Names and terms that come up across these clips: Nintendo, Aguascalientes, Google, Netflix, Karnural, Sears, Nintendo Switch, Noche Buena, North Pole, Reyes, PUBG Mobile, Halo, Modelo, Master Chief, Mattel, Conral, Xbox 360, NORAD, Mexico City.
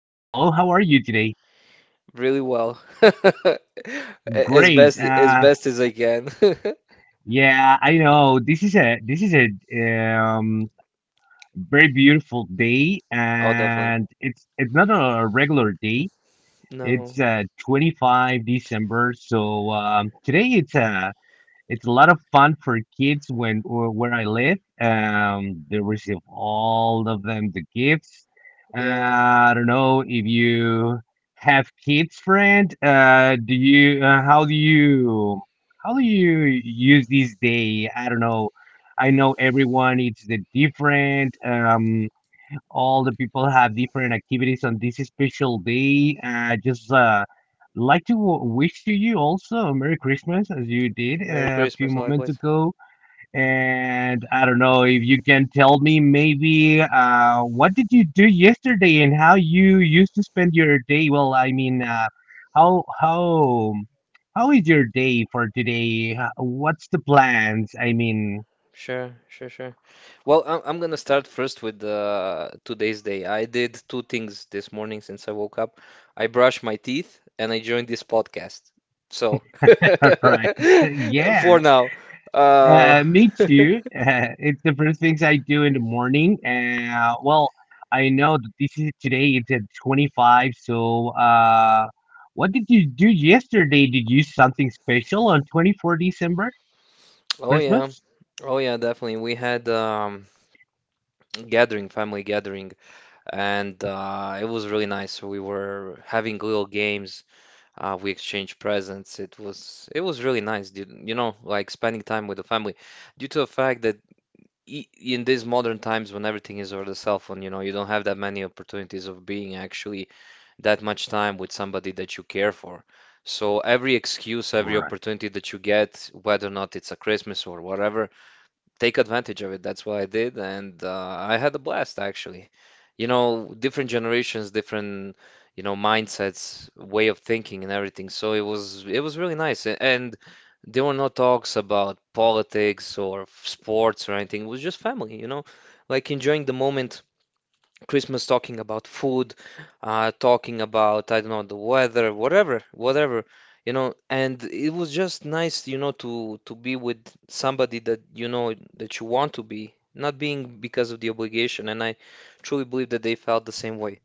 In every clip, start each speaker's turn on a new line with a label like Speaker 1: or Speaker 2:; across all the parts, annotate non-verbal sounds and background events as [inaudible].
Speaker 1: Hello, how are you today?
Speaker 2: really well. [laughs] As
Speaker 1: Great.
Speaker 2: best as best as I can. [laughs]
Speaker 1: Yeah, I know this is a very beautiful day,
Speaker 2: Oh, definitely.
Speaker 1: and it's not a regular day. It's
Speaker 2: No.
Speaker 1: December 25th, so today it's a lot of fun for kids when where I live. They receive all of them the gifts.
Speaker 2: Yeah.
Speaker 1: I don't know if you have kids, friend. Do you? How do you use this day? I don't know. I know everyone. It's the different. All the people have different activities on this special day. I just like to wish to you also a Merry Christmas as you did
Speaker 2: Merry
Speaker 1: a few
Speaker 2: Christmas
Speaker 1: moments
Speaker 2: likewise.
Speaker 1: ago. And I don't know if you can tell me maybe what did you do yesterday and how you used to spend your day? Well, I mean, how how how is your day for today? What's the plans? I mean,
Speaker 2: Sure, sure, sure. Well, I'm gonna start first with today's day. I did two things this morning since I woke up. I brushed my teeth and I joined this podcast. So,
Speaker 1: [laughs] right? [laughs]
Speaker 2: [laughs]
Speaker 1: Yeah.
Speaker 2: for now, uh,
Speaker 1: Me too. [laughs] It's the first things I do in the morning. Well, I know that this is today. It's at 25th. So, what did you do yesterday? Did you something special on December 24th,
Speaker 2: [laughs] oh yeah,
Speaker 1: Christmas?
Speaker 2: oh yeah, definitely. We had gathering, family gathering, and it was really nice. We were having little games, we exchanged presents. It was really nice, dude. You know, like spending time with the family. Due to the fact that e in these modern times when everything is over the cell phone, you know, you don't have that many opportunities of being actually that much time with somebody that you care for. So every excuse, every
Speaker 1: Right.
Speaker 2: opportunity that you get, whether or not it's a Christmas or whatever, take advantage of it. That's what I did, and I had a blast actually. You know, different generations, different, you know, mindsets, way of thinking and everything. So it was really nice. And there were no talks about politics or sports or anything. It was just family, you know, like enjoying the moment Christmas, talking about food, talking about, I don't know, the weather, whatever, whatever, you know, and it was just nice, you know, to be with somebody that you know that you want to be, not being because of the obligation. And I truly believe that they felt the same way.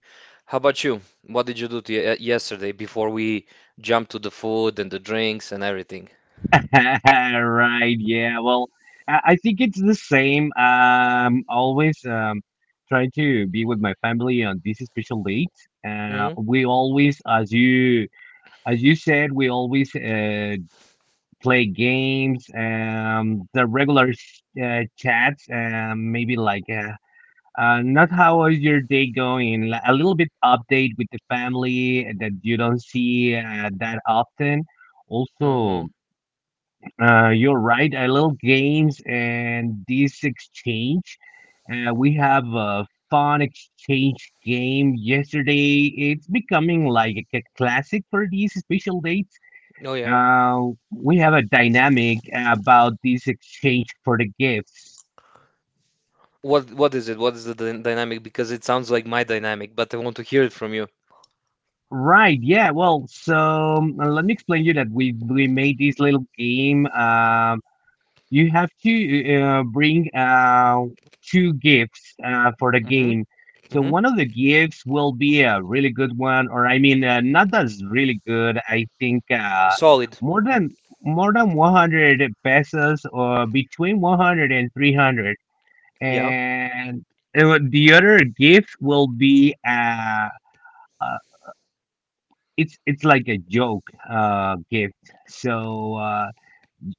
Speaker 2: How about you? What did you do to yesterday before we jump to the food and the drinks and everything?
Speaker 1: [laughs] Right. Yeah. Well, I think it's the same. Always trying to be with my family on this special date.
Speaker 2: Hmm.
Speaker 1: We always, as you said, we always play games, the regular chats, maybe like not how is your day going? A little bit update with the family that you don't see that often.
Speaker 2: Hmm.
Speaker 1: Also, you're right. A little games and this exchange. We have a fun exchange game yesterday. It's becoming like a classic for these special dates.
Speaker 2: Oh yeah.
Speaker 1: uh, we have a dynamic about this exchange for the gifts.
Speaker 2: What is it? What is the dynamic? Because it sounds like my dynamic, but I want to hear it from you.
Speaker 1: Right, yeah, well, so let me explain you that we made this little game. You have to bring two gifts for the
Speaker 2: Mm-hmm.
Speaker 1: game. So one of the gifts will be a really good one, or I mean, not that's really good. I think
Speaker 2: Solid.
Speaker 1: more than more than 100 pesos, or between 100 and 300.
Speaker 2: Yeah.
Speaker 1: And the other gift will be uh it's like a joke gift. So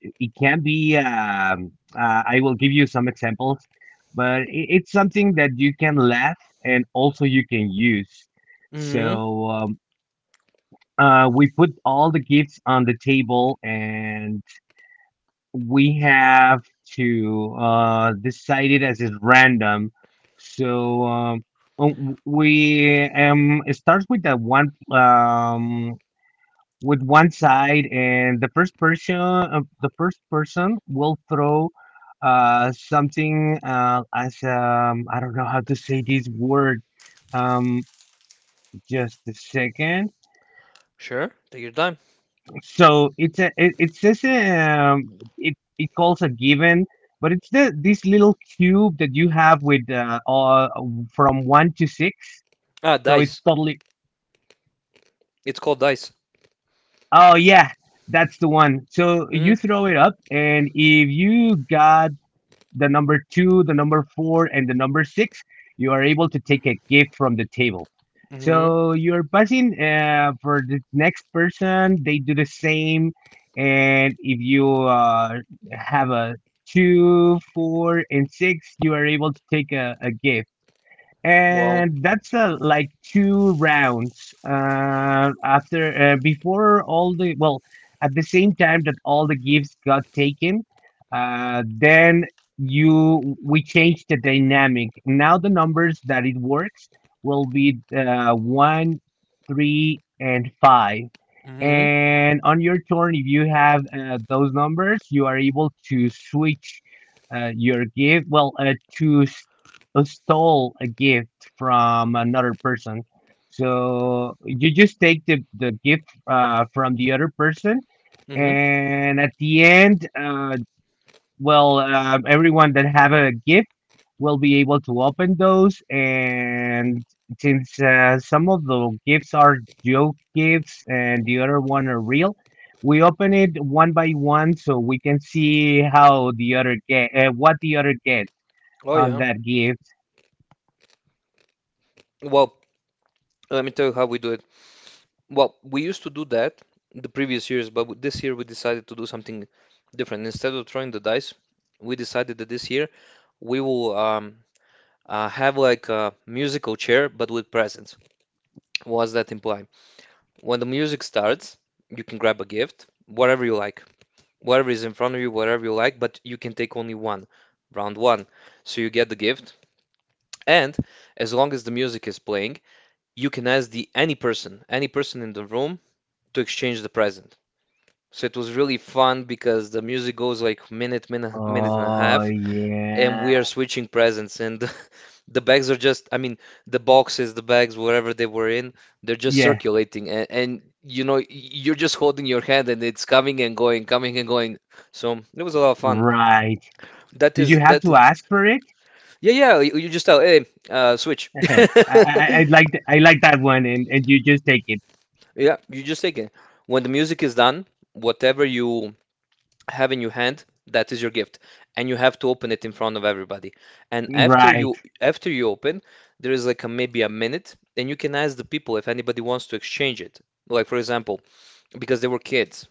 Speaker 1: it can be I will give you some examples, but it's something that you can laugh and also you can use.
Speaker 2: mm hmm
Speaker 1: So we put all the gifts on the table, and we have to decide it as is random. So w- we It starts with the one with one side, and the first person will throw something as I don't know how to say this word. um just a second.
Speaker 2: Sure. Take your time.
Speaker 1: It says it calls a given, but it's the this little cube that you have with from one to six.
Speaker 2: Ah,
Speaker 1: So it's
Speaker 2: dice.
Speaker 1: totally
Speaker 2: It's called dice.
Speaker 1: Oh yeah, that's the one. So you
Speaker 2: mm
Speaker 1: throw it up, and if you got the number two, the number four, and the number six, you are able to take a gift from the table.
Speaker 2: hmm Mm hmm
Speaker 1: So you're buzzing for the next person. They do the same, and if you have a two, four, and six, you are able to take a gift,
Speaker 2: Well.
Speaker 1: and that's like two rounds after before all the, well, at the same time that all the gifts got taken. Then you we changed the dynamic. Now the numbers that it works will be 1, 3 and five.
Speaker 2: mm
Speaker 1: And on your turn, if you have those numbers, you are able to switch your gift, well, stole a gift from another person. So you just take the gift from the other person,
Speaker 2: hmm Mm hmm
Speaker 1: and at the end, everyone that have a gift will be able to open those. And since some of the gifts are joke gifts and the other one are real, we open it one by one so we can see how the other get what the other get
Speaker 2: Oh
Speaker 1: on
Speaker 2: yeah.
Speaker 1: that gift.
Speaker 2: Well, let me tell you how we do it. Well, we used to do that the previous years, but this year we decided to do something different. Instead of throwing the dice, we decided that this year we will have like a musical chair, but with presents. What does that imply? When the music starts, you can grab a gift, whatever you like, whatever is in front of you, whatever you like, but you can take only one, round one. So you get the gift, and as long as the music is playing, you can ask the any person in the room to exchange the present. So it was really fun because the music goes like minute, minute, minute and a
Speaker 1: Oh
Speaker 2: half, and
Speaker 1: yeah,
Speaker 2: we are switching presents, and the [laughs] the bags are just, I mean, the boxes, the bags, whatever they were in, they're just
Speaker 1: yeah,
Speaker 2: circulating, and you know, you're just holding your hand, and it's coming and going, coming and going. So it was a lot of fun.
Speaker 1: right.
Speaker 2: That
Speaker 1: Did you
Speaker 2: is
Speaker 1: have
Speaker 2: that.
Speaker 1: to ask for it?
Speaker 2: Yeah, yeah. You just tell, hey, switch.
Speaker 1: [laughs]
Speaker 2: [laughs]
Speaker 1: I like that one, and you just take it.
Speaker 2: Yeah, you just take it. When the music is done, whatever you have in your hand, that is your gift, and you have to open it in front of everybody. And after
Speaker 1: Right,
Speaker 2: you after you open, there is like a, maybe a minute, and you can ask the people if anybody wants to exchange it. Like for example, because they were kids,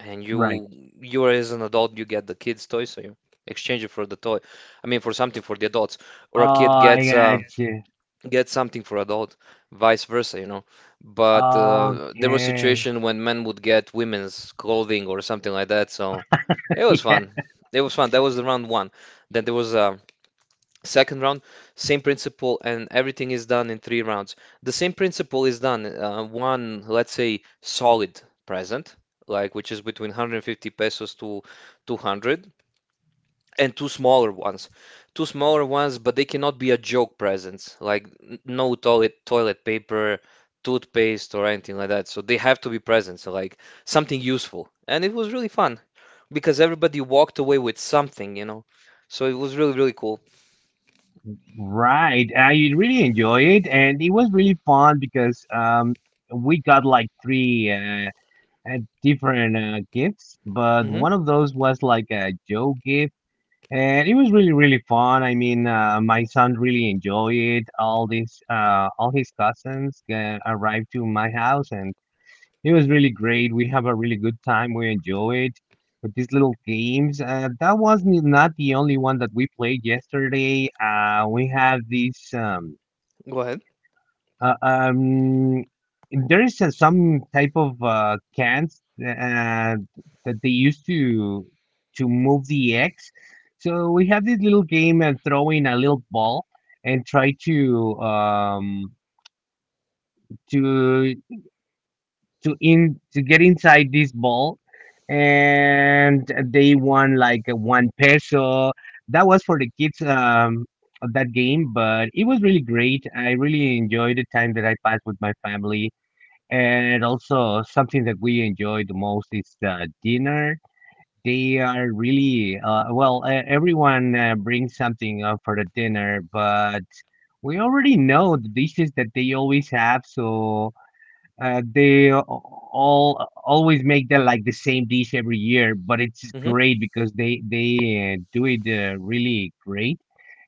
Speaker 2: and
Speaker 1: right.
Speaker 2: you are as an adult, you get the kids' toy, so you exchange it for the toy. I mean, for something for the adults,
Speaker 1: Oh,
Speaker 2: or a kid
Speaker 1: I
Speaker 2: gets.
Speaker 1: got you.
Speaker 2: Get something for a adult, vice versa, you know. But there was
Speaker 1: Okay.
Speaker 2: situation when men would get women's clothing or something like that, so it was
Speaker 1: [laughs] Yeah.
Speaker 2: fun. It was fun. That was the round one. Then there was a second round, same principle, and everything is done in three rounds. The same principle is done. One, let's say, solid present, like which is between 150 pesos to 200 and two smaller ones. Two smaller ones, but they cannot be a joke presents, like no toilet paper, toothpaste, or anything like that. So they have to be presents, like something useful. And it was really fun because everybody walked away with something, you know. So it was really, really cool.
Speaker 1: Right. I really enjoy it, and it was really fun because we got like three different gifts, but
Speaker 2: Hmm.
Speaker 1: one of those was like a Joe gift, and it was really really fun. I mean, my son really enjoyed it. All his cousins arrived to my house, and it was really great. We have a really good time. We enjoy it with these little games. That was not the only one that we played yesterday. We had these.
Speaker 2: Go ahead.
Speaker 1: Uh, um, there is some type of cans that they used to move the eggs. So we have this little game and throwing a little ball and try to to get inside this ball, and they won like a 1 peso that was for the kids of that game. But it was really great. I really enjoyed the time that I passed with my family, and also something that we enjoy the most is the dinner. They are really everyone brings something for the dinner, but we already know the dishes that they always have. So all always make the like the same dish every year, but it's
Speaker 2: Hmm.
Speaker 1: great because they do it really great.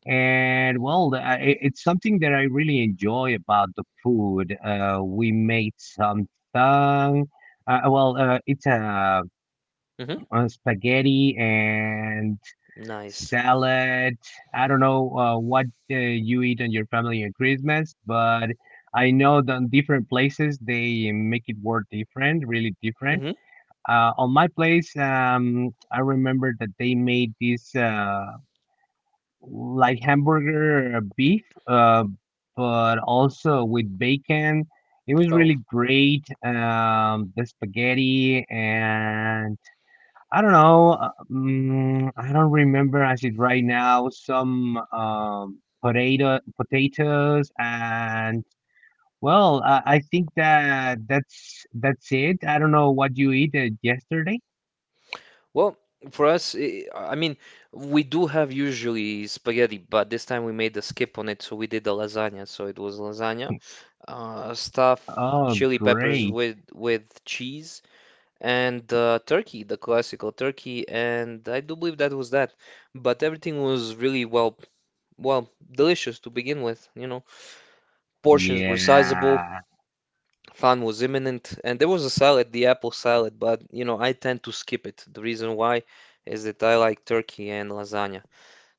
Speaker 1: And well, it's something that I really enjoy about the food. We made some tongue. It's
Speaker 2: Hmm.
Speaker 1: a spaghetti and
Speaker 2: Nice.
Speaker 1: salad. I don't know what you eat on your family on Christmas, but I know that different places they make it work different, really different.
Speaker 2: Hmm.
Speaker 1: On my place, I remember that they made this like hamburger beef, but also with bacon. It was
Speaker 2: Oh.
Speaker 1: really great. The spaghetti and I don't know. I don't remember as it right now. Some potatoes, and well, I think that that's it. I don't know what you ate yesterday.
Speaker 2: Well, for us, I mean, we do have usually spaghetti, but this time we made a skip on it, so we did the lasagna. So it was lasagna, stuff
Speaker 1: Oh,
Speaker 2: chili peppers
Speaker 1: great!
Speaker 2: with cheese and turkey, the classical turkey, and I do believe that was that. But everything was really well, well, delicious to begin with, you know. Portions were sizable,
Speaker 1: Yeah,
Speaker 2: fun was imminent, and there was a salad, the apple salad, but you know, I tend to skip it. The reason why is that I like turkey and lasagna.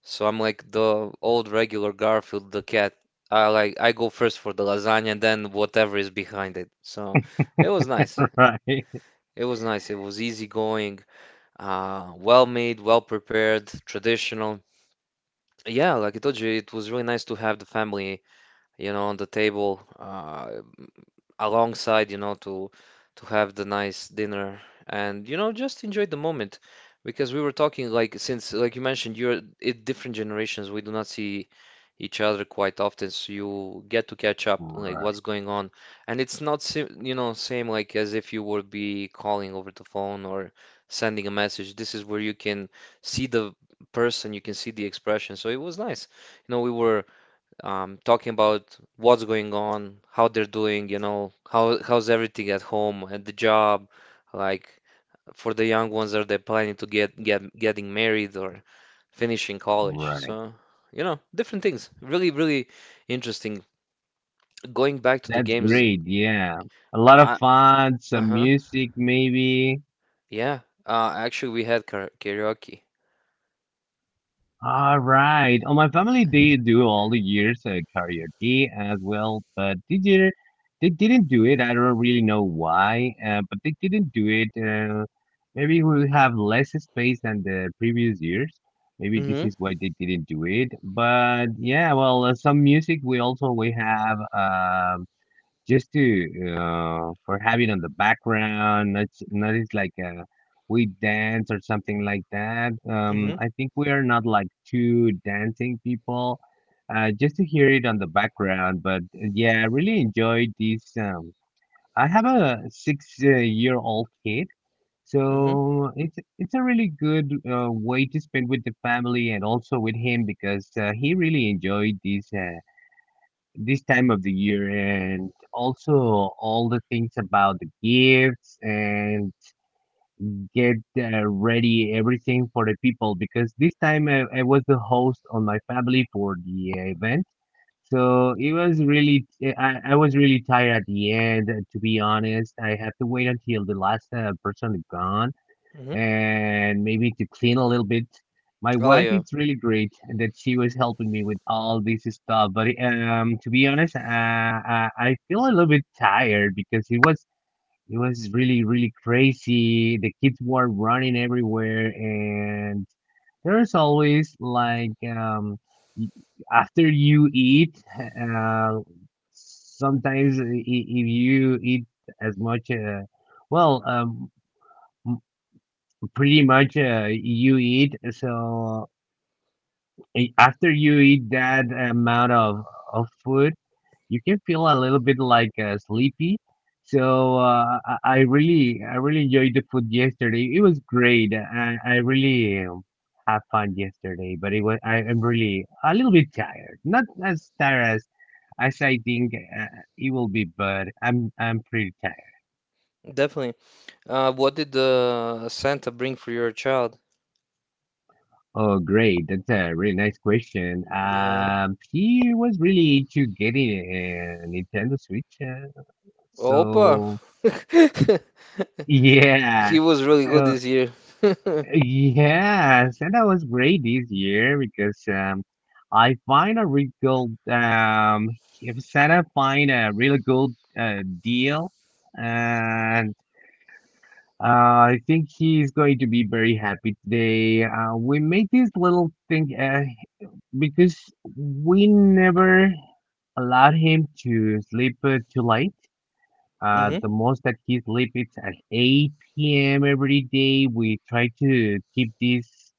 Speaker 2: So I'm like the old regular Garfield, the cat. I go first for the lasagna, then whatever is behind it. So it was nice.
Speaker 1: [laughs] right,
Speaker 2: It was nice. It was easygoing, well made, well prepared, traditional. Yeah, like I told you, it was really nice to have the family, you know, on the table. Alongside, you know, to have the nice dinner, and you know, just enjoy the moment, because we were talking like since like you mentioned you're in different generations, we do not see each other quite often, so you get to catch up like
Speaker 1: right,
Speaker 2: what's going on. And it's not sim you know, same like as if you would be calling over the phone or sending a message. This is where you can see the person, you can see the expression, so it was nice. You know, we were talking about what's going on, how they're doing, you know, how how's everything at home, at the job, like for the young ones, are they planning to getting married or finishing college?
Speaker 1: right.
Speaker 2: So, you know, different things. Really, really interesting. Going back to the
Speaker 1: That's
Speaker 2: games,
Speaker 1: great. Yeah, a lot of
Speaker 2: I,
Speaker 1: fun, some
Speaker 2: uh-huh,
Speaker 1: music maybe.
Speaker 2: yeah. Actually, we had karaoke.
Speaker 1: All right. On my family, they do all the years karaoke as well, but this year they didn't do it. I don't really know why, but they didn't do it. Maybe we have less space than the previous years. Maybe this
Speaker 2: Mm-hmm,
Speaker 1: is why they didn't do it. But yeah, well, some music we also we have. Just to for having on the background. Not not It's like we dance or something like that.
Speaker 2: mm-hmm,
Speaker 1: I think we are not like two dancing people, just to hear it on the background. But yeah, I really enjoyed this. I have a six year old kid,
Speaker 2: mm-hmm,
Speaker 1: so it's a really good way to spend with the family and also with him because he really enjoyed this time of the year, and also all the things about the gifts, and get ready everything for the people because this time I was the host on my family for the event. So it was really I was really tired at the end. To be honest, I have to wait until the last person is gone
Speaker 2: mm-hmm.
Speaker 1: and maybe to clean a little bit. My
Speaker 2: Oh
Speaker 1: wife is
Speaker 2: yeah,
Speaker 1: really great that she was helping me with all this stuff. But to be honest, I feel a little bit tired because it was really really crazy. The kids were running everywhere, and there's always like y- after you eat, sometimes if you eat as much, well, um pretty much you eat. So after you eat that amount of food, you can feel a little bit like sleepy. So I really enjoyed the food yesterday. It was great. I really had fun yesterday, but it was I'm really a little bit tired. Not as tired as I think it will be, but I'm pretty tired.
Speaker 2: definitely. What did the Santa bring for your child?
Speaker 1: Oh, great. That's a really nice question.
Speaker 2: Yeah.
Speaker 1: She was really into getting a Nintendo Switch.
Speaker 2: Opa!
Speaker 1: So,
Speaker 2: [laughs]
Speaker 1: [laughs] yeah.
Speaker 2: He was really good
Speaker 1: So,
Speaker 2: this year. [laughs]
Speaker 1: yeah. So that was great this year because I find a really good, if Santa find a really good deal and uh, I think he's going to be very happy today. We made this little thing. Because we never allowed him to sleep too late.
Speaker 2: Hmm.
Speaker 1: The most that he sleep is at 8 p.m. every day. We try to keep this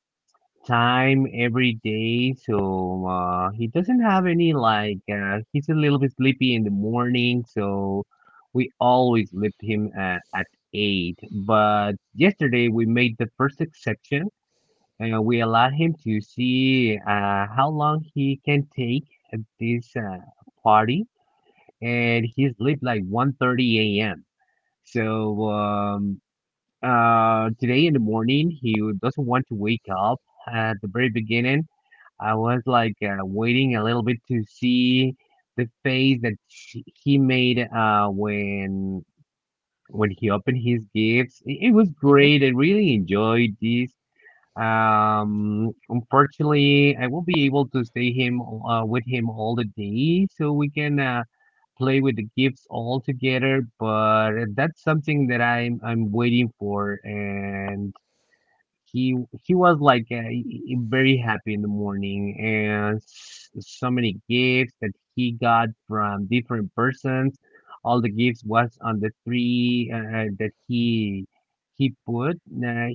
Speaker 1: time every day so he doesn't have any like he's a little bit sleepy in the morning, so we always sleep him at 8, but yesterday we made the first exception. We allowed him to see how long he can take at this party, and he slept like 1:30 a.m. So today in the morning, he doesn't want to wake up. At the very beginning, I was like waiting a little bit to see the face that he made when he opened his gifts. It was
Speaker 2: Hmm.
Speaker 1: great. I really enjoyed this. Unfortunately, I won't be able to stay him with him all the day, so we can play with the gifts all together. But that's something that I'm waiting for, and he he was like very happy in the morning, and so many gifts that he got from different persons. All the gifts was on the tree that he put. Uh,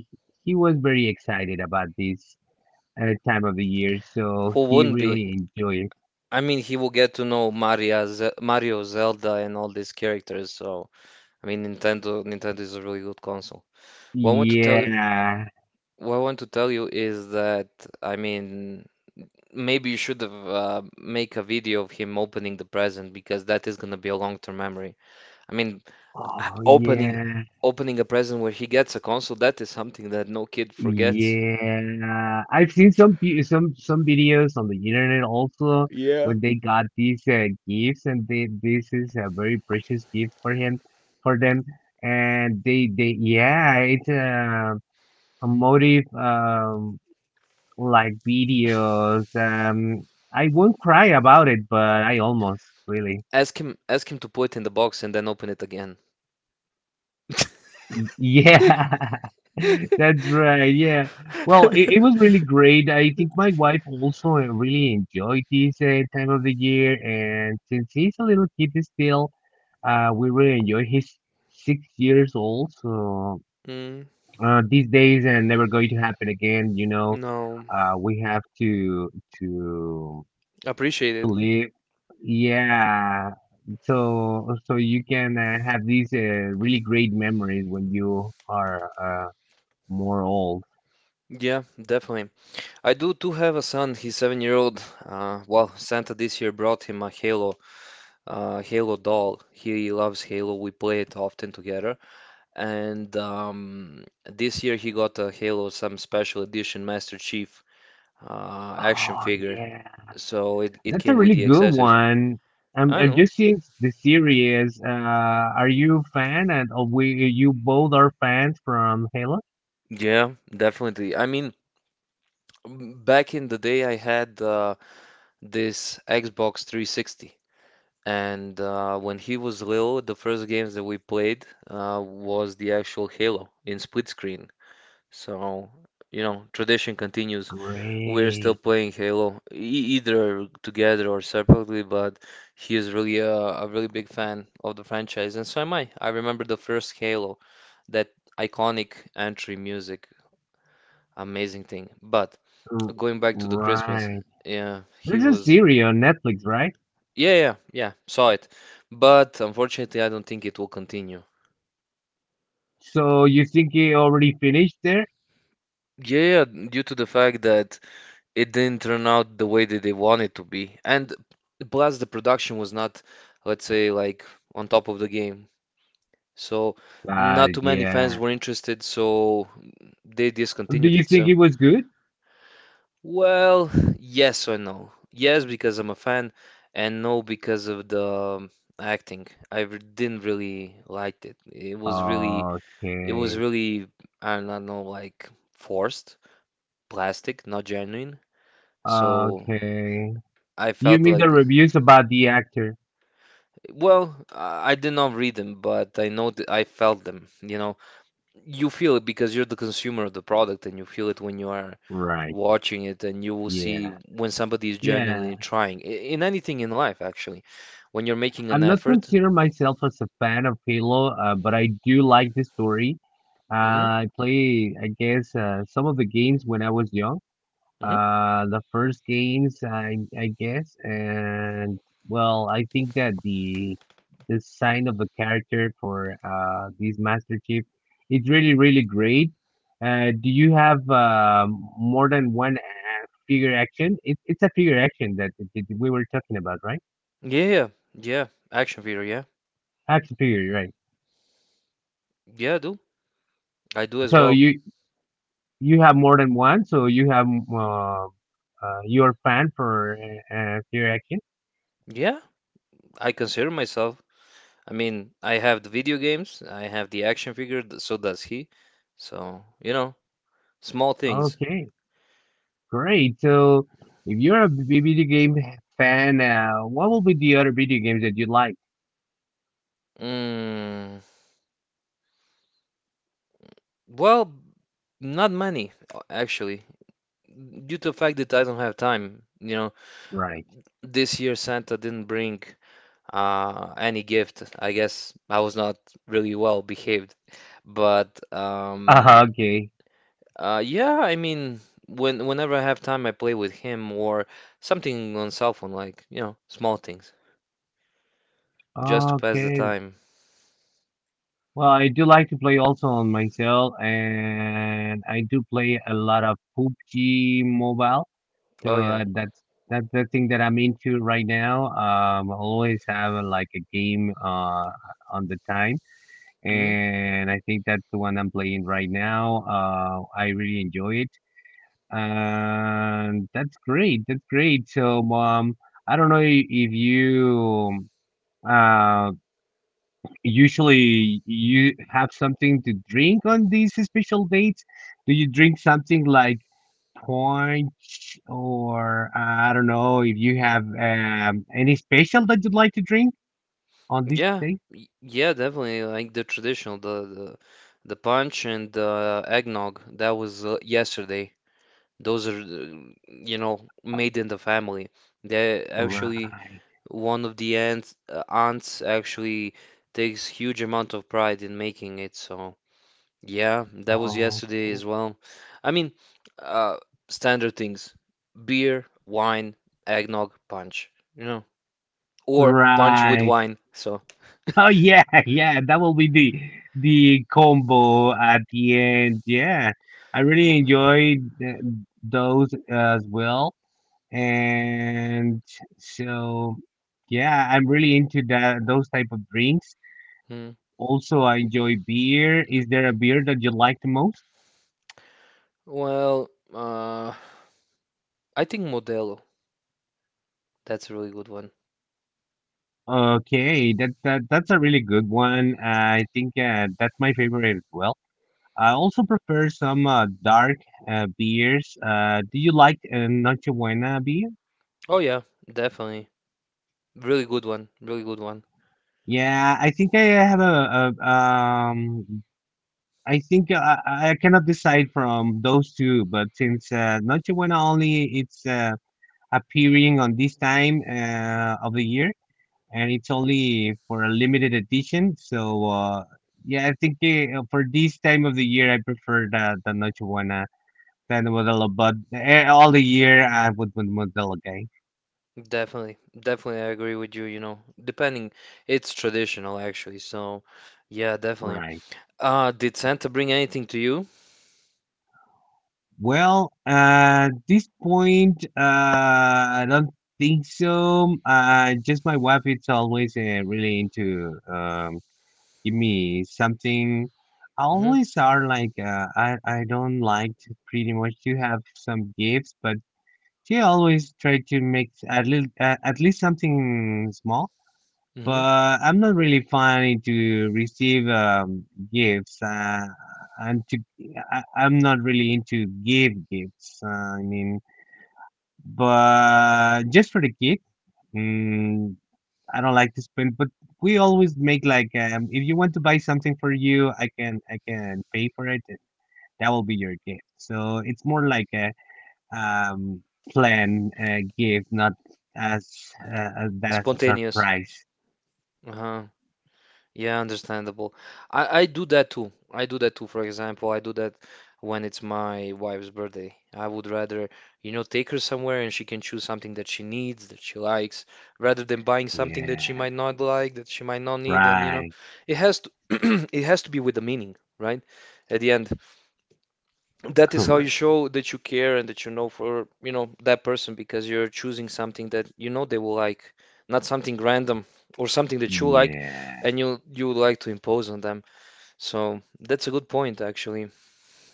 Speaker 1: he was very excited about this time of the year, so
Speaker 2: Who
Speaker 1: he
Speaker 2: wouldn't be?
Speaker 1: really enjoyed it.
Speaker 2: I mean, he will get to know Maria, Ze Mario, Zelda, and all these characters. So, I mean, Nintendo is a really good console. What I want to tell you,
Speaker 1: Yeah.
Speaker 2: what I want to tell you is that, I mean, maybe you should have make a video of him opening the present, because that is gonna be a long-term memory. I mean,
Speaker 1: Oh
Speaker 2: opening
Speaker 1: yeah.
Speaker 2: opening a present where he gets a console, that is something that no kid forgets.
Speaker 1: Yeah. I've seen some pe- some videos on the internet also
Speaker 2: Yeah.
Speaker 1: when they got these gifts, and they, this is a very precious gift for him, for them, and they yeah, it's a motive, like videos. I won't cry about it, but I almost really.
Speaker 2: Ask him to put it in the box and then open it again.
Speaker 1: Y- Yeah, [laughs] that's right. Yeah. Well, it was really great. I think my wife also really enjoyed this time of the year. And since he's a little kid still, we really enjoy. He's 6 years old. So
Speaker 2: Mm,
Speaker 1: these days are never going to happen again. You know,
Speaker 2: no,
Speaker 1: we have to to
Speaker 2: appreciated.
Speaker 1: live. Yeah. So so you can have these really great memories when you are more old.
Speaker 2: Yeah, definitely. I do too have a son. He's 7 year old. Well, Santa this year brought him a Halo, Halo doll. He loves Halo. We play it often together. And this year he got a Halo, some special edition Master Chief action
Speaker 1: Oh
Speaker 2: figure.
Speaker 1: yeah,
Speaker 2: So it
Speaker 1: that's a
Speaker 2: came with
Speaker 1: really
Speaker 2: the
Speaker 1: good
Speaker 2: accessories.
Speaker 1: one. I'm
Speaker 2: I
Speaker 1: I'm
Speaker 2: know.
Speaker 1: just seeing the series. Are you a fan? And we you both are fans from Halo?
Speaker 2: Yeah, definitely. I mean, back in the day, I had this Xbox 360. And when he was little, the first games that we played was the actual Halo in split screen. So, you know, tradition continues. We're still
Speaker 1: Great.
Speaker 2: playing Halo, e either together or separately, but he is really a really big fan of the franchise, and so am I. I remember the first Halo, that iconic entry music, amazing thing. But
Speaker 1: R-
Speaker 2: going back to the Christmas,
Speaker 1: Right.
Speaker 2: yeah, he
Speaker 1: There's a
Speaker 2: was.
Speaker 1: series on Netflix, right?
Speaker 2: Yeah, yeah, yeah, saw it. But unfortunately, I don't think it will continue.
Speaker 1: So you think it already finished there?
Speaker 2: Yeah, yeah, due to the fact that it didn't turn out the way that they wanted to be. And plus, the production was not, let's say, like on top of the game. So,
Speaker 1: Got
Speaker 2: not
Speaker 1: it.
Speaker 2: too many fans
Speaker 1: Yeah.
Speaker 2: were interested, so they
Speaker 1: Do
Speaker 2: discontinued
Speaker 1: you
Speaker 2: it.
Speaker 1: think it
Speaker 2: So,
Speaker 1: was good?
Speaker 2: well, yes or no. Yes, because I'm a fan, and no, because of the acting. Didn't really liked it. It was
Speaker 1: Okay.
Speaker 2: really, I don't know, like forced, plastic, not genuine. So
Speaker 1: Okay.
Speaker 2: I
Speaker 1: You
Speaker 2: felt
Speaker 1: mean
Speaker 2: like,
Speaker 1: the reviews about the actor?
Speaker 2: well, I did not read them, but I know that I felt them. You know, you feel it because you're the consumer of the product, and you feel it when you are
Speaker 1: Right.
Speaker 2: watching it, and you will see
Speaker 1: Yeah.
Speaker 2: when somebody is
Speaker 1: Yeah.
Speaker 2: genuinely trying in anything in life, actually, when you're making an
Speaker 1: I'm not
Speaker 2: effort.
Speaker 1: consider myself as a fan of Halo, but I do like the story.
Speaker 2: Hmm.
Speaker 1: I play, I guess, some of the games when I was young.
Speaker 2: Hmm.
Speaker 1: The first games, I guess, and well, I think that the design of the character for this Master Chief, it's really, really great. Do you have more than one figure action? It's a figure action that, that we were talking about, right?
Speaker 2: Yeah, yeah, yeah. Action figure, yeah,
Speaker 1: Action figure, right?
Speaker 2: yeah, I do as
Speaker 1: So
Speaker 2: well.
Speaker 1: you have more than one, so you have uh, your fan for Fear Action.
Speaker 2: Yeah, I consider myself. I mean, I have the video games, I have the action figure, so does he. So, you know, small things.
Speaker 1: Okay, great. So if you're a video game fan, what will be the other video games that you like?
Speaker 2: Mm, well, not many, actually, due to the fact that I don't have time. You know,
Speaker 1: Right.
Speaker 2: this year Santa didn't bring any gift. I guess I was not really well behaved. But
Speaker 1: Okay.
Speaker 2: Yeah, I mean, whenever I have time, I play with him or something on cell phone, like, you know, small things, just to pass the
Speaker 1: Okay.
Speaker 2: time.
Speaker 1: Well, I do like to play also on my cell, and I do play a lot of PUBG Mobile. So
Speaker 2: Oh yeah.
Speaker 1: that's the thing that I'm into right now. I always have like a game on the time,
Speaker 2: Hmm.
Speaker 1: and I think that's the one I'm playing right now. I really enjoy it, and that's great. That's great. So, I don't know if you uh usually you have something to drink on these special dates. Do you drink something like punch or I don't know if you have any special that you'd like to drink on this day?
Speaker 2: Yeah, definitely. Like the traditional, the punch and the eggnog. That was yesterday. Those are, you know, made in the family. They actually,
Speaker 1: Right.
Speaker 2: one of the aunts, aunts actually takes huge amount of pride in making it. So yeah, that was yesterday
Speaker 1: Okay.
Speaker 2: as well. I mean, uh, standard things: beer, wine, eggnog, punch. You know, or punch with
Speaker 1: Right.
Speaker 2: wine. So. [laughs]
Speaker 1: Oh yeah, [laughs] yeah, that will be the combo at the end. Yeah, I really enjoyed th those as well, and so yeah, I'm really into that those type of drinks.
Speaker 2: Hmm.
Speaker 1: Also, I enjoy beer. Is there a beer that you like the most?
Speaker 2: Well, I think Modelo. That's a really good one.
Speaker 1: Okay, that that that's a really good one. I think that's my favorite as well. I also prefer some dark beers. Do you like Noche Buena beer?
Speaker 2: Oh yeah, definitely. Really good one. Really good one.
Speaker 1: Yeah, I think I have a, a. I think I cannot decide from those two, but since Noche Buena only it's appearing on this time of the year, and it's only for a limited edition. So yeah, I think for this time of the year, I prefer the Noche Buena. Then the Modelo Bud. Eh, all the year I would with Modelo Gang.
Speaker 2: Definitely. Definitely, I agree with you, you know. Depending, it's traditional actually. So, yeah, definitely.
Speaker 1: Right.
Speaker 2: Did Santa bring anything to you?
Speaker 1: Well, at this point, I don't think so. Just my wife is always really into give me something. I
Speaker 2: Mm-hmm.
Speaker 1: always are like I don't like to pretty much to have some gifts, but she always try to make at least something small,
Speaker 2: Mm-hmm.
Speaker 1: but I'm not really fine to receive gifts. And to I, I'm not really into give gifts. I mean, but just for the kid, mm, I don't like to spend. But we always make like if you want to buy something for you, I can pay for it. And that will be your gift. So it's more like a um, plan gift, not as as that as a
Speaker 2: Spontaneous.
Speaker 1: surprise.
Speaker 2: Uh huh. Yeah, understandable. I do that too. I do that too. For example, I do that when it's my wife's birthday. I would rather, you know, take her somewhere and she can choose something that she needs, that she likes, rather than buying something that she
Speaker 1: Yeah,
Speaker 2: might not like, that she might not need. And, you know,
Speaker 1: right.
Speaker 2: it has to, [clears throat] it has to be with a meaning, right? At the end that is how you
Speaker 1: Correct.
Speaker 2: show that you care and that you know for you know that person because you're choosing something that you know they will like, not something random or something that you like
Speaker 1: Yeah.
Speaker 2: and you would like to impose on them. So that's a good point actually.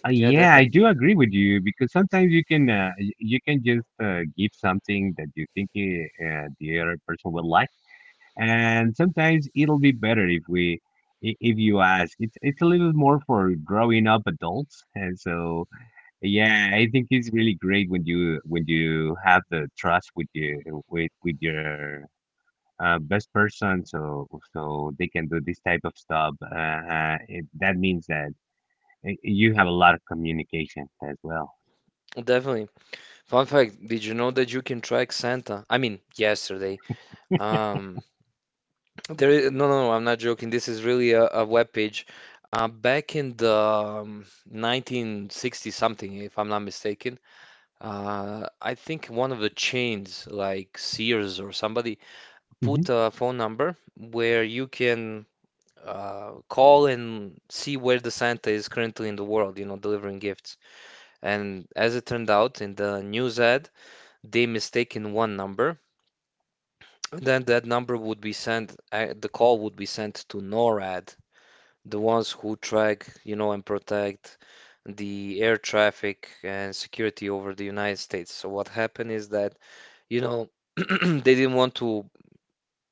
Speaker 2: Yeah,
Speaker 1: Yeah, I
Speaker 2: definitely,
Speaker 1: do agree with you because sometimes you can you can just give something that you think the other person will like, and sometimes it'll be better if we if you ask. It's a little more for growing up adults, and so yeah, I think it's really great when you have the trust with you with your best person, so so they can do this type of stuff. It, that means that Y- You have a lot of communication as well.
Speaker 2: definitely. Fun fact, did you know that you can track Santa? I mean yesterday, um, there is, no, I'm not joking, this is really a web page back in the 1960 something if I'm not mistaken. I think one of the chains, like Sears or somebody, put
Speaker 1: Hmm.
Speaker 2: a phone number where you can call and see where the Santa is currently in the world, you know, delivering gifts. And as it turned out, in the news ad, they mistaken one number. Then that number would be sent, the call would be sent to NORAD, the ones who track, you know, and protect the air traffic and security over the United States. So what happened is that, you know, [clears throat] they didn't want to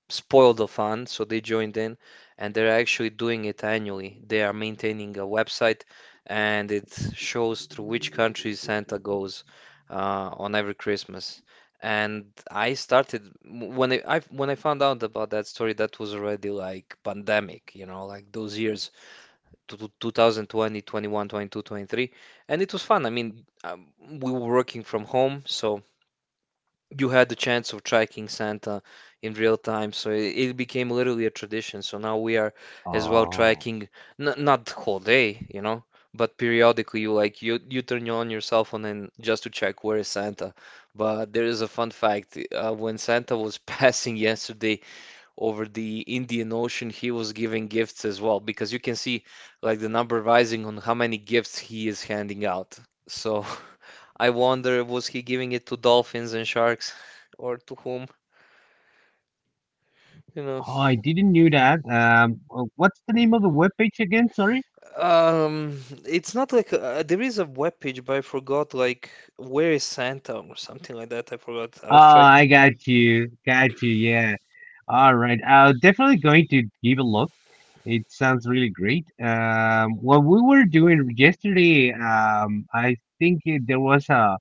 Speaker 2: spoil the fun, so they joined in, and they're actually doing it annually. They are maintaining a website, and it shows through which country Santa goes uh, on every Christmas. And I started when I found out about that story, that was already like pandemic, you know, like those years, to 2020, 21, 22, 23, and it was fun. I mean, we were working from home, so you had the chance of tracking Santa in real time, so it became literally a tradition. So now we are as well
Speaker 1: Oh,
Speaker 2: tracking, n not the whole day, you know, but periodically you like you turn on your cell phone and just to check where is Santa. But there is a fun fact, when Santa was [laughs] passing yesterday over the Indian Ocean, he was giving gifts as well because you can see like the number rising on how many gifts he is handing out. So [laughs] I wonder was he giving it to dolphins and sharks [laughs] or to whom, you know.
Speaker 1: oh, I didn't knew that. What's the name of the webpage again? Sorry.
Speaker 2: Um, it's not like there is a webpage, but I forgot like where is Santa or something like that. I forgot. I
Speaker 1: Oh,
Speaker 2: was tracking.
Speaker 1: I got you, got you. Yeah. All right. I'm definitely going to give a look. It sounds really great. What we were doing yesterday, I think it, there was a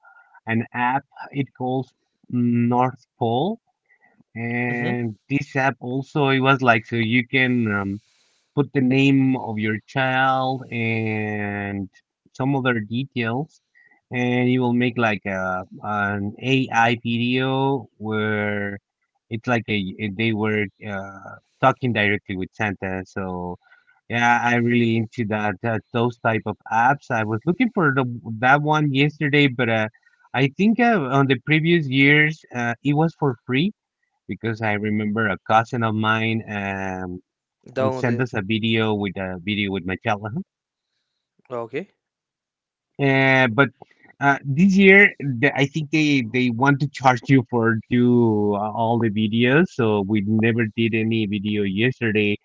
Speaker 1: an app. It calls North Pole,
Speaker 2: Mm-hmm.
Speaker 1: and this app also it was like so you can put the name of your child and some other details, and it will make like a an AI video where it's like a they were talking directly with Santa. So yeah, I really into that, that those type of apps. I was looking for the that one yesterday, but I think on the previous years it was for free because I remember a cousin of mine. And
Speaker 2: Download
Speaker 1: send
Speaker 2: it.
Speaker 1: us a video with Mattel. Uh-huh.
Speaker 2: Oh, okay.
Speaker 1: But this year, the, I think they want to charge you for do all the videos. So we never did any video yesterday,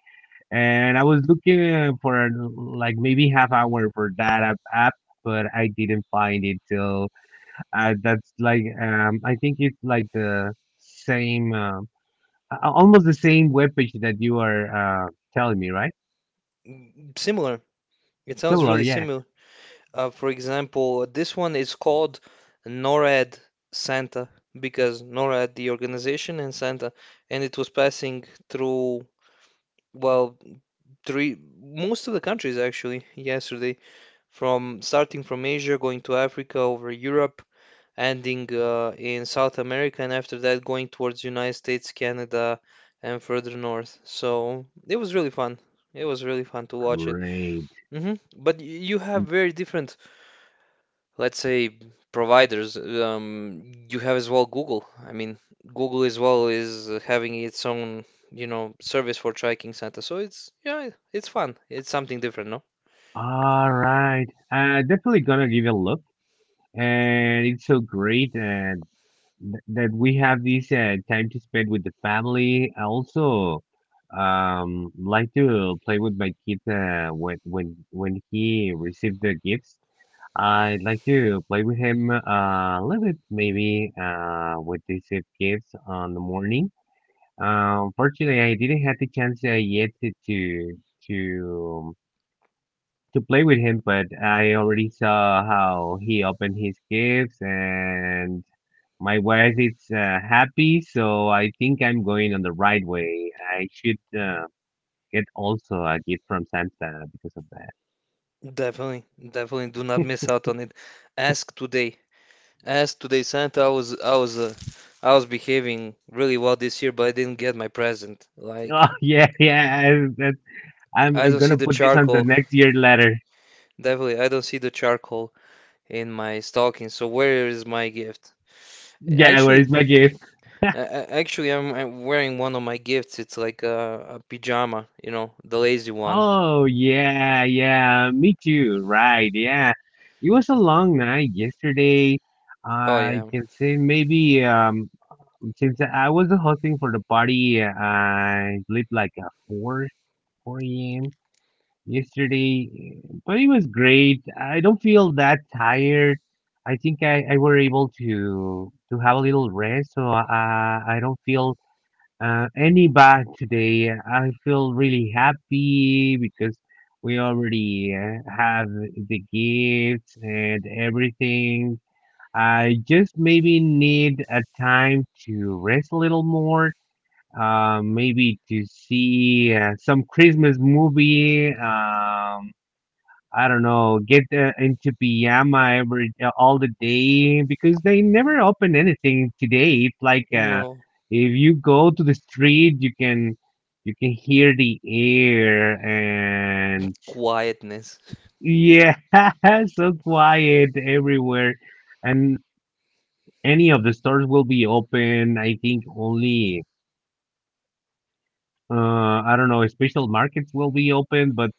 Speaker 1: and I was looking for like maybe half hour for that app, app, but I didn't find it. So that's like I think it's like the same, almost the same webpage that you are telling me, right?
Speaker 2: Similar. It sounds
Speaker 1: Similar,
Speaker 2: really
Speaker 1: yeah.
Speaker 2: similar. For example, this one is called NORAD Santa, because NORAD, the organization, and Santa, and it was passing through, well, three, most of the countries actually yesterday. From starting from Asia, going to Africa, over Europe, ending in South America, and after that going towards United States, Canada, and further north. So it was really fun. It was really fun to watch it.
Speaker 1: Great.
Speaker 2: Hmm. But you have very different, let's say, providers. You have as well Google. I mean, Google as well is having its own, you know, service for tracking Santa. So it's yeah, it's fun. It's something different, no?
Speaker 1: All right. Definitely gonna give it a look. And it's so great th that we have this time to spend with the family. I also like to play with my kid when he received the gifts. I'd like to play with him a little bit maybe with these gifts on the morning. Unfortunately, I didn't have the chance yet to to to play with him, but I already saw how he opened his gifts, and my wife is happy, so I think I'm going on the right way. I should get also a gift from Santa because of that. [laughs]
Speaker 2: Definitely, definitely do not miss out on it. Ask today. Ask today, Santa. I was behaving really well this year, but I didn't get my present.
Speaker 1: Oh
Speaker 2: Like,
Speaker 1: yeah, yeah, I, that, I'm
Speaker 2: I don't see
Speaker 1: gonna
Speaker 2: the
Speaker 1: put this on the
Speaker 2: charcoal.
Speaker 1: next year letter.
Speaker 2: Definitely, I don't see the charcoal in my stocking. So where is my gift?
Speaker 1: Yeah, where's
Speaker 2: Actually,
Speaker 1: my gift?
Speaker 2: actually, I'm wearing one of my gifts. It's like a pajama, you know, the lazy one.
Speaker 1: Oh yeah, yeah, me too. Right, yeah. It was a long night yesterday.
Speaker 2: Oh
Speaker 1: I
Speaker 2: yeah,
Speaker 1: can say maybe. Since I was the hosting for the party, I slept like at 4 a.m. yesterday, but it was great. I don't feel that tired. I think I were able to have a little rest, so I don't feel any bad today. I feel really happy because we already have the gifts and everything. I just maybe need a time to rest a little more maybe to see some Christmas movie. I don't know, get into pajama every all the day because they never open anything today. It's like
Speaker 2: no,
Speaker 1: if you go to the street, you can hear the air and
Speaker 2: quietness.
Speaker 1: yeah, [laughs] so quiet everywhere, and any of the stores will be open. I think only I don't know, special markets will be open, but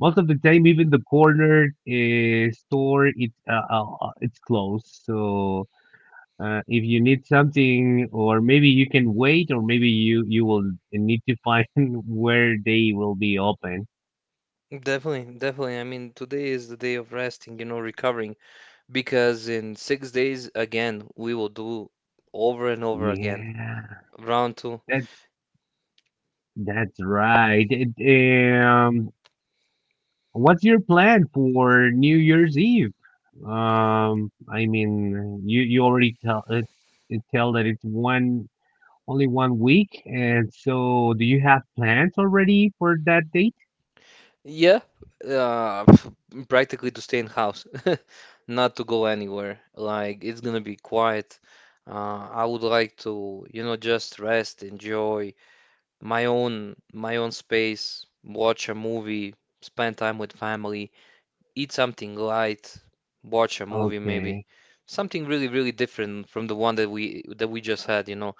Speaker 1: most of the time even the corner store it's closed. So if you need something or maybe you can wait or maybe you will need to find [laughs] where they will be open.
Speaker 2: Definitely, definitely. I mean, today is the day of resting, you know, recovering, because in 6 days again we will do over and over again
Speaker 1: Yeah,
Speaker 2: round two.
Speaker 1: that that's right. What's your plan for New Year's Eve? Um i mean you you already tell that it's one only 1 week, and so do you have plans already for that date?
Speaker 2: Yeah, uh, [laughs] practically to stay in house, [laughs] not to go anywhere. Like it's gonna be quiet. I would like to, you know, just rest, enjoy my own space, watch a movie, spend time with family, eat something light, watch a movie maybe.
Speaker 1: Okay.
Speaker 2: Something really, really different from the one that we just had, you know,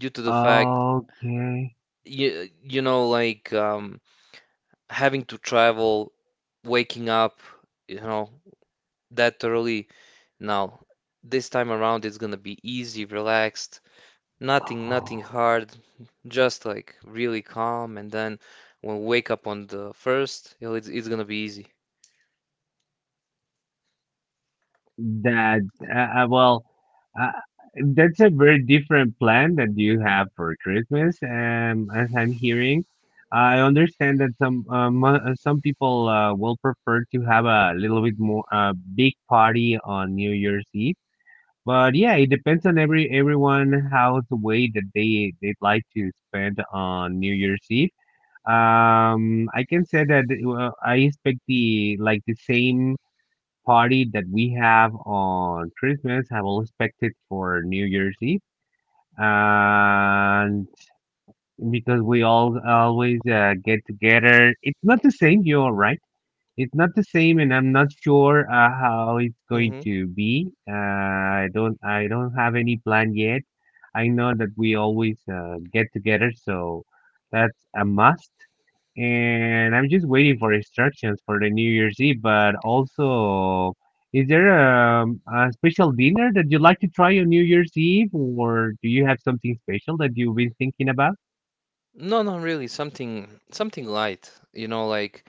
Speaker 2: due to the fact
Speaker 1: Okay.
Speaker 2: you, you know, like having to travel, waking up, you know, that early. Now, this time around it's gonna be easy, relaxed, nothing, nothing
Speaker 1: Oh,
Speaker 2: hard, just like really calm. And then when we wake up on the first, you know, it's gonna be easy.
Speaker 1: that uh, uh, well, uh, that's a very different plan that you have for Christmas. As I'm hearing, I understand that some people will prefer to have a little bit more big party on New Year's Eve. But yeah, it depends on everyone how the way that they'd like to spend on New Year's Eve. I can say that I expect the like the same party that we have on Christmas. I will expect it for New Year's Eve, and because we all always get together, it's not the same. You're right, it's not the same, and I'm not sure how it's going
Speaker 2: Hmm.
Speaker 1: to be. I don't have any plan yet. I know that we always get together, so that's a must. And I'm just waiting for instructions for the New Year's Eve. But also, is there a special dinner that you'd like to try on New Year's Eve, or do you have something special that you've been thinking about?
Speaker 2: No, not really. Something light, you know, like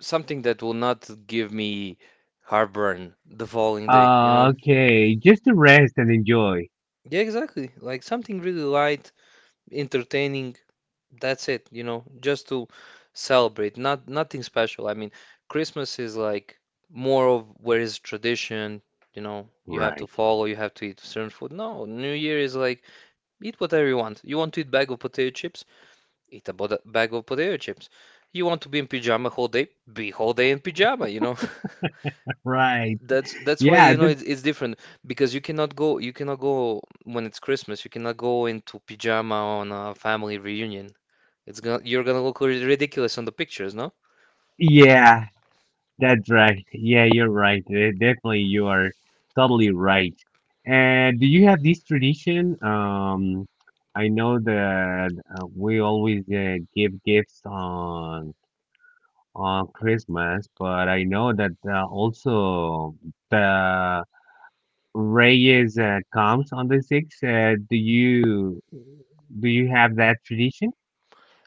Speaker 2: something that will not give me heartburn the following day, you know?
Speaker 1: Okay, just to rest and enjoy.
Speaker 2: Yeah, exactly. Like something really light, entertaining. That's it, you know, just to celebrate. Not nothing special. I mean, Christmas is like more of where is tradition, you know, you have to
Speaker 1: Right.
Speaker 2: follow, you have to eat certain food. No, New Year is like eat whatever you want. You want to eat bag of potato chips? Eat a bag of potato chips. You want to be in pajama whole day? Be whole day in pajama, you know? [laughs]
Speaker 1: Right.
Speaker 2: That's why
Speaker 1: Yeah,
Speaker 2: you know it's different because you cannot go when it's Christmas you cannot go into pajama on a family reunion. It's gonna you're gonna look ridiculous on the pictures, no?
Speaker 1: yeah, that's right. Yeah, you're right. Definitely, you are totally right. And do you have this tradition? I know that we always give gifts on Christmas, but I know that also the Reyes comes on the sixth. Do you do you have that tradition?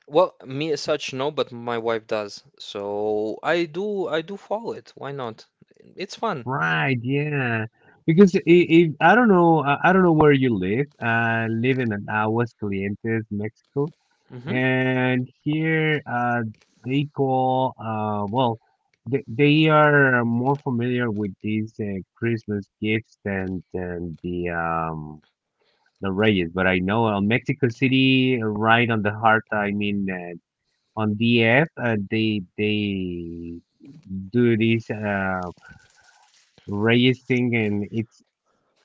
Speaker 2: Well, me as such no, but my wife does. So I do follow it. Why not? It's fun.
Speaker 1: Right, yeah. Because I if I don't know, I don't know where you live. I live in Aguascalientes, Mexico,
Speaker 2: Hmm.
Speaker 1: and here they call they are more familiar with these Christmas gifts than the Reyes. But I know Mexico City, right on the heart. I mean, on DF, they do this Reyes thing, and it's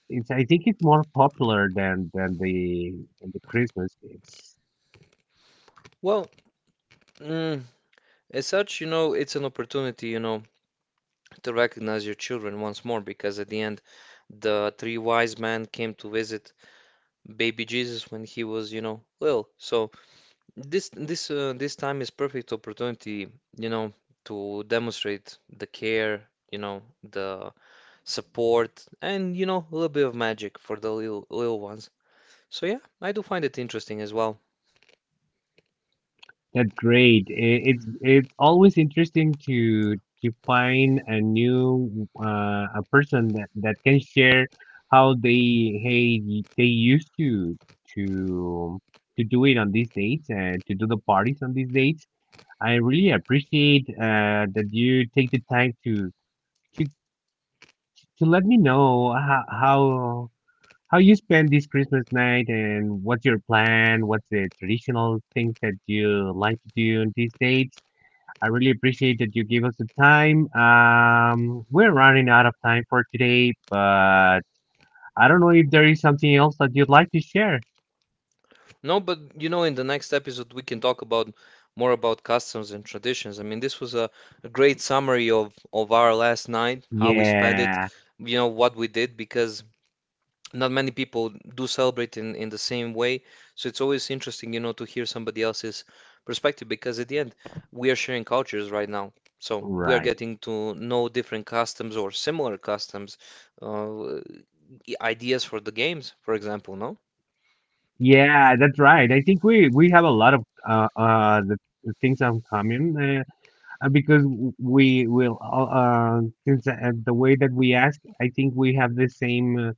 Speaker 1: it's I think it's more popular than the Christmas gifts.
Speaker 2: Well, mm, as such, you know, it's an opportunity, you know, to recognize your children once more because at the end, the three wise men came to visit baby Jesus when he was, you know, little. So this time is perfect opportunity, you know, to demonstrate the care, you know, the support, and you know, a little bit of magic for the little little ones. So yeah, I do find it interesting as well.
Speaker 1: That's great. It's always interesting to find a new a person that, that can share how they used to to do it on these dates and to do the parties on these dates. I really appreciate that you take the time to let me know how how you spend this Christmas night and what's your plan. What's the traditional things that you like to do on these dates? I really appreciate that you give us the time. We're running out of time for today, but I don't know if there is something else that you'd like to share.
Speaker 2: No, but you know, in the next episode we can talk about more about customs and traditions. I mean, this was a great summary of our last night, how we spent it,
Speaker 1: Yeah,
Speaker 2: you know, what we did, because not many people do celebrate in the same way. So it's always interesting, you know, to hear somebody else's perspective because at the end, we are sharing cultures right now. So we are
Speaker 1: right.
Speaker 2: getting to know different customs or similar customs, uh, ideas for the games, for example, no?
Speaker 1: Yeah, that's right. I think we have a lot of uh uh the, the things in common, because we will all since the way that we ask, I think we have the same.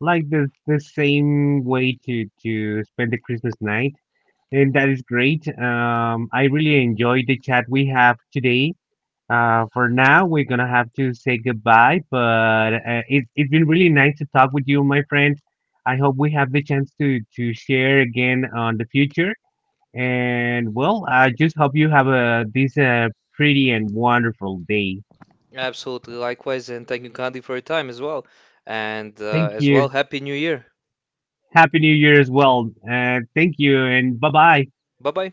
Speaker 1: Like the same way to spend the Christmas night, and that is great. I really enjoyed the chat we have today. For now, we're gonna have to say goodbye, but it's been really nice to talk with you, my friend. I hope we have the chance to share again on the future. And well, I just hope you have a this pretty and wonderful day.
Speaker 2: Absolutely. Likewise. And thank you, Candy, for your time as well. And
Speaker 1: Thank
Speaker 2: as well,
Speaker 1: you.
Speaker 2: Happy New Year.
Speaker 1: Happy New Year as well. Thank you, and bye bye.
Speaker 2: Bye bye.